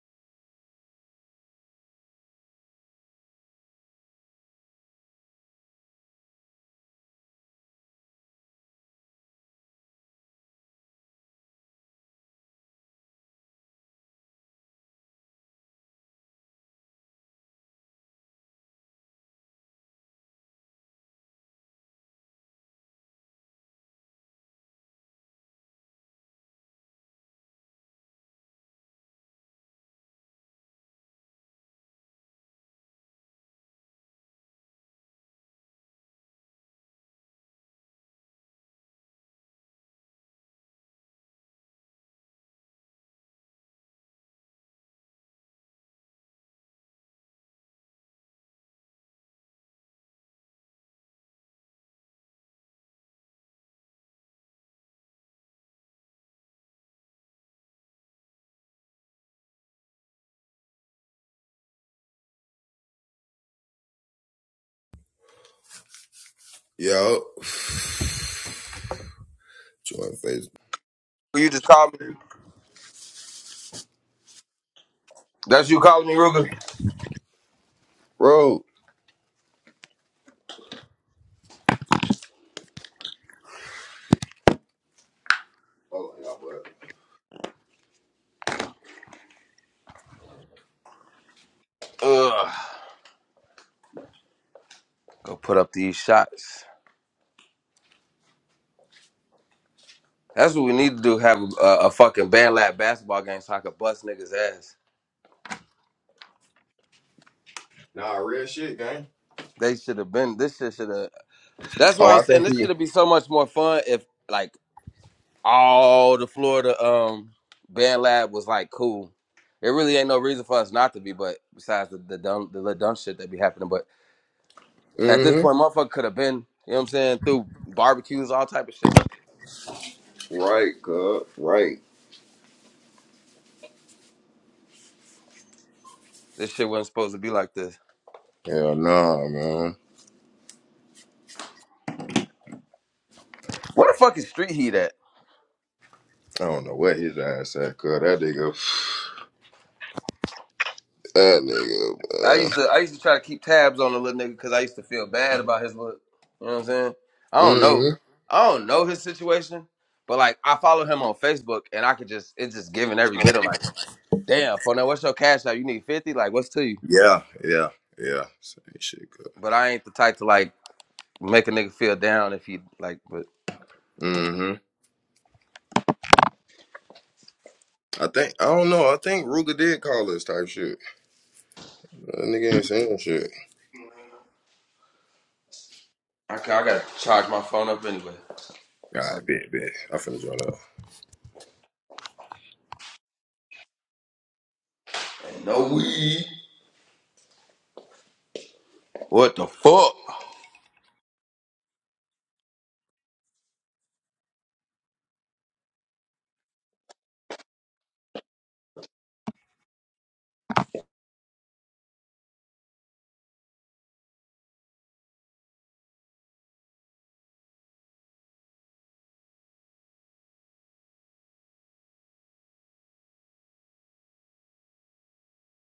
Yo. Join Facebook. You just called me. That's you calling me, Ruger. Bro. Hold on, y'all, bro. Ugh. Go put up these shots. That's what we need to do. Have a, a, a fucking band lab basketball game so I could bust niggas' ass. Nah, real shit, gang. They should have been. This shit should have. That's Oh, why I'm I saying think this he. should have been so much more fun if like all the Florida um band lab was like cool. It really ain't no reason for us not to be. But besides the the dumb the little dumb shit that be happening, but at this point, Mm-hmm. motherfucker could have been. You know what I'm saying? Through barbecues, all type of shit. Right, cuz. Right. This shit wasn't supposed to be like this. Hell nah, man. Where the fuck is Street Heat at? I don't know what his ass at, cuz. That nigga. That nigga, I used to I used to try to keep tabs on the little nigga because I used to feel bad about his look. You know what I'm saying? I man. don't know. Mm-hmm. I don't know his situation, but like I follow him on Facebook and I could just it's just giving every bit of like, damn, for now, what's your cash out? You need fifty? Like, what's to you? Yeah, yeah, yeah. Same shit, cuz. But I ain't the type to like make a nigga feel down if he like. But Mm-hmm. I think, I don't know. I think Ruger did call us type shit. That nigga ain't saying shit. I, ca- I gotta charge my phone up anyway. All So right, bet, bet. I finna join up. no weed. What the fuck?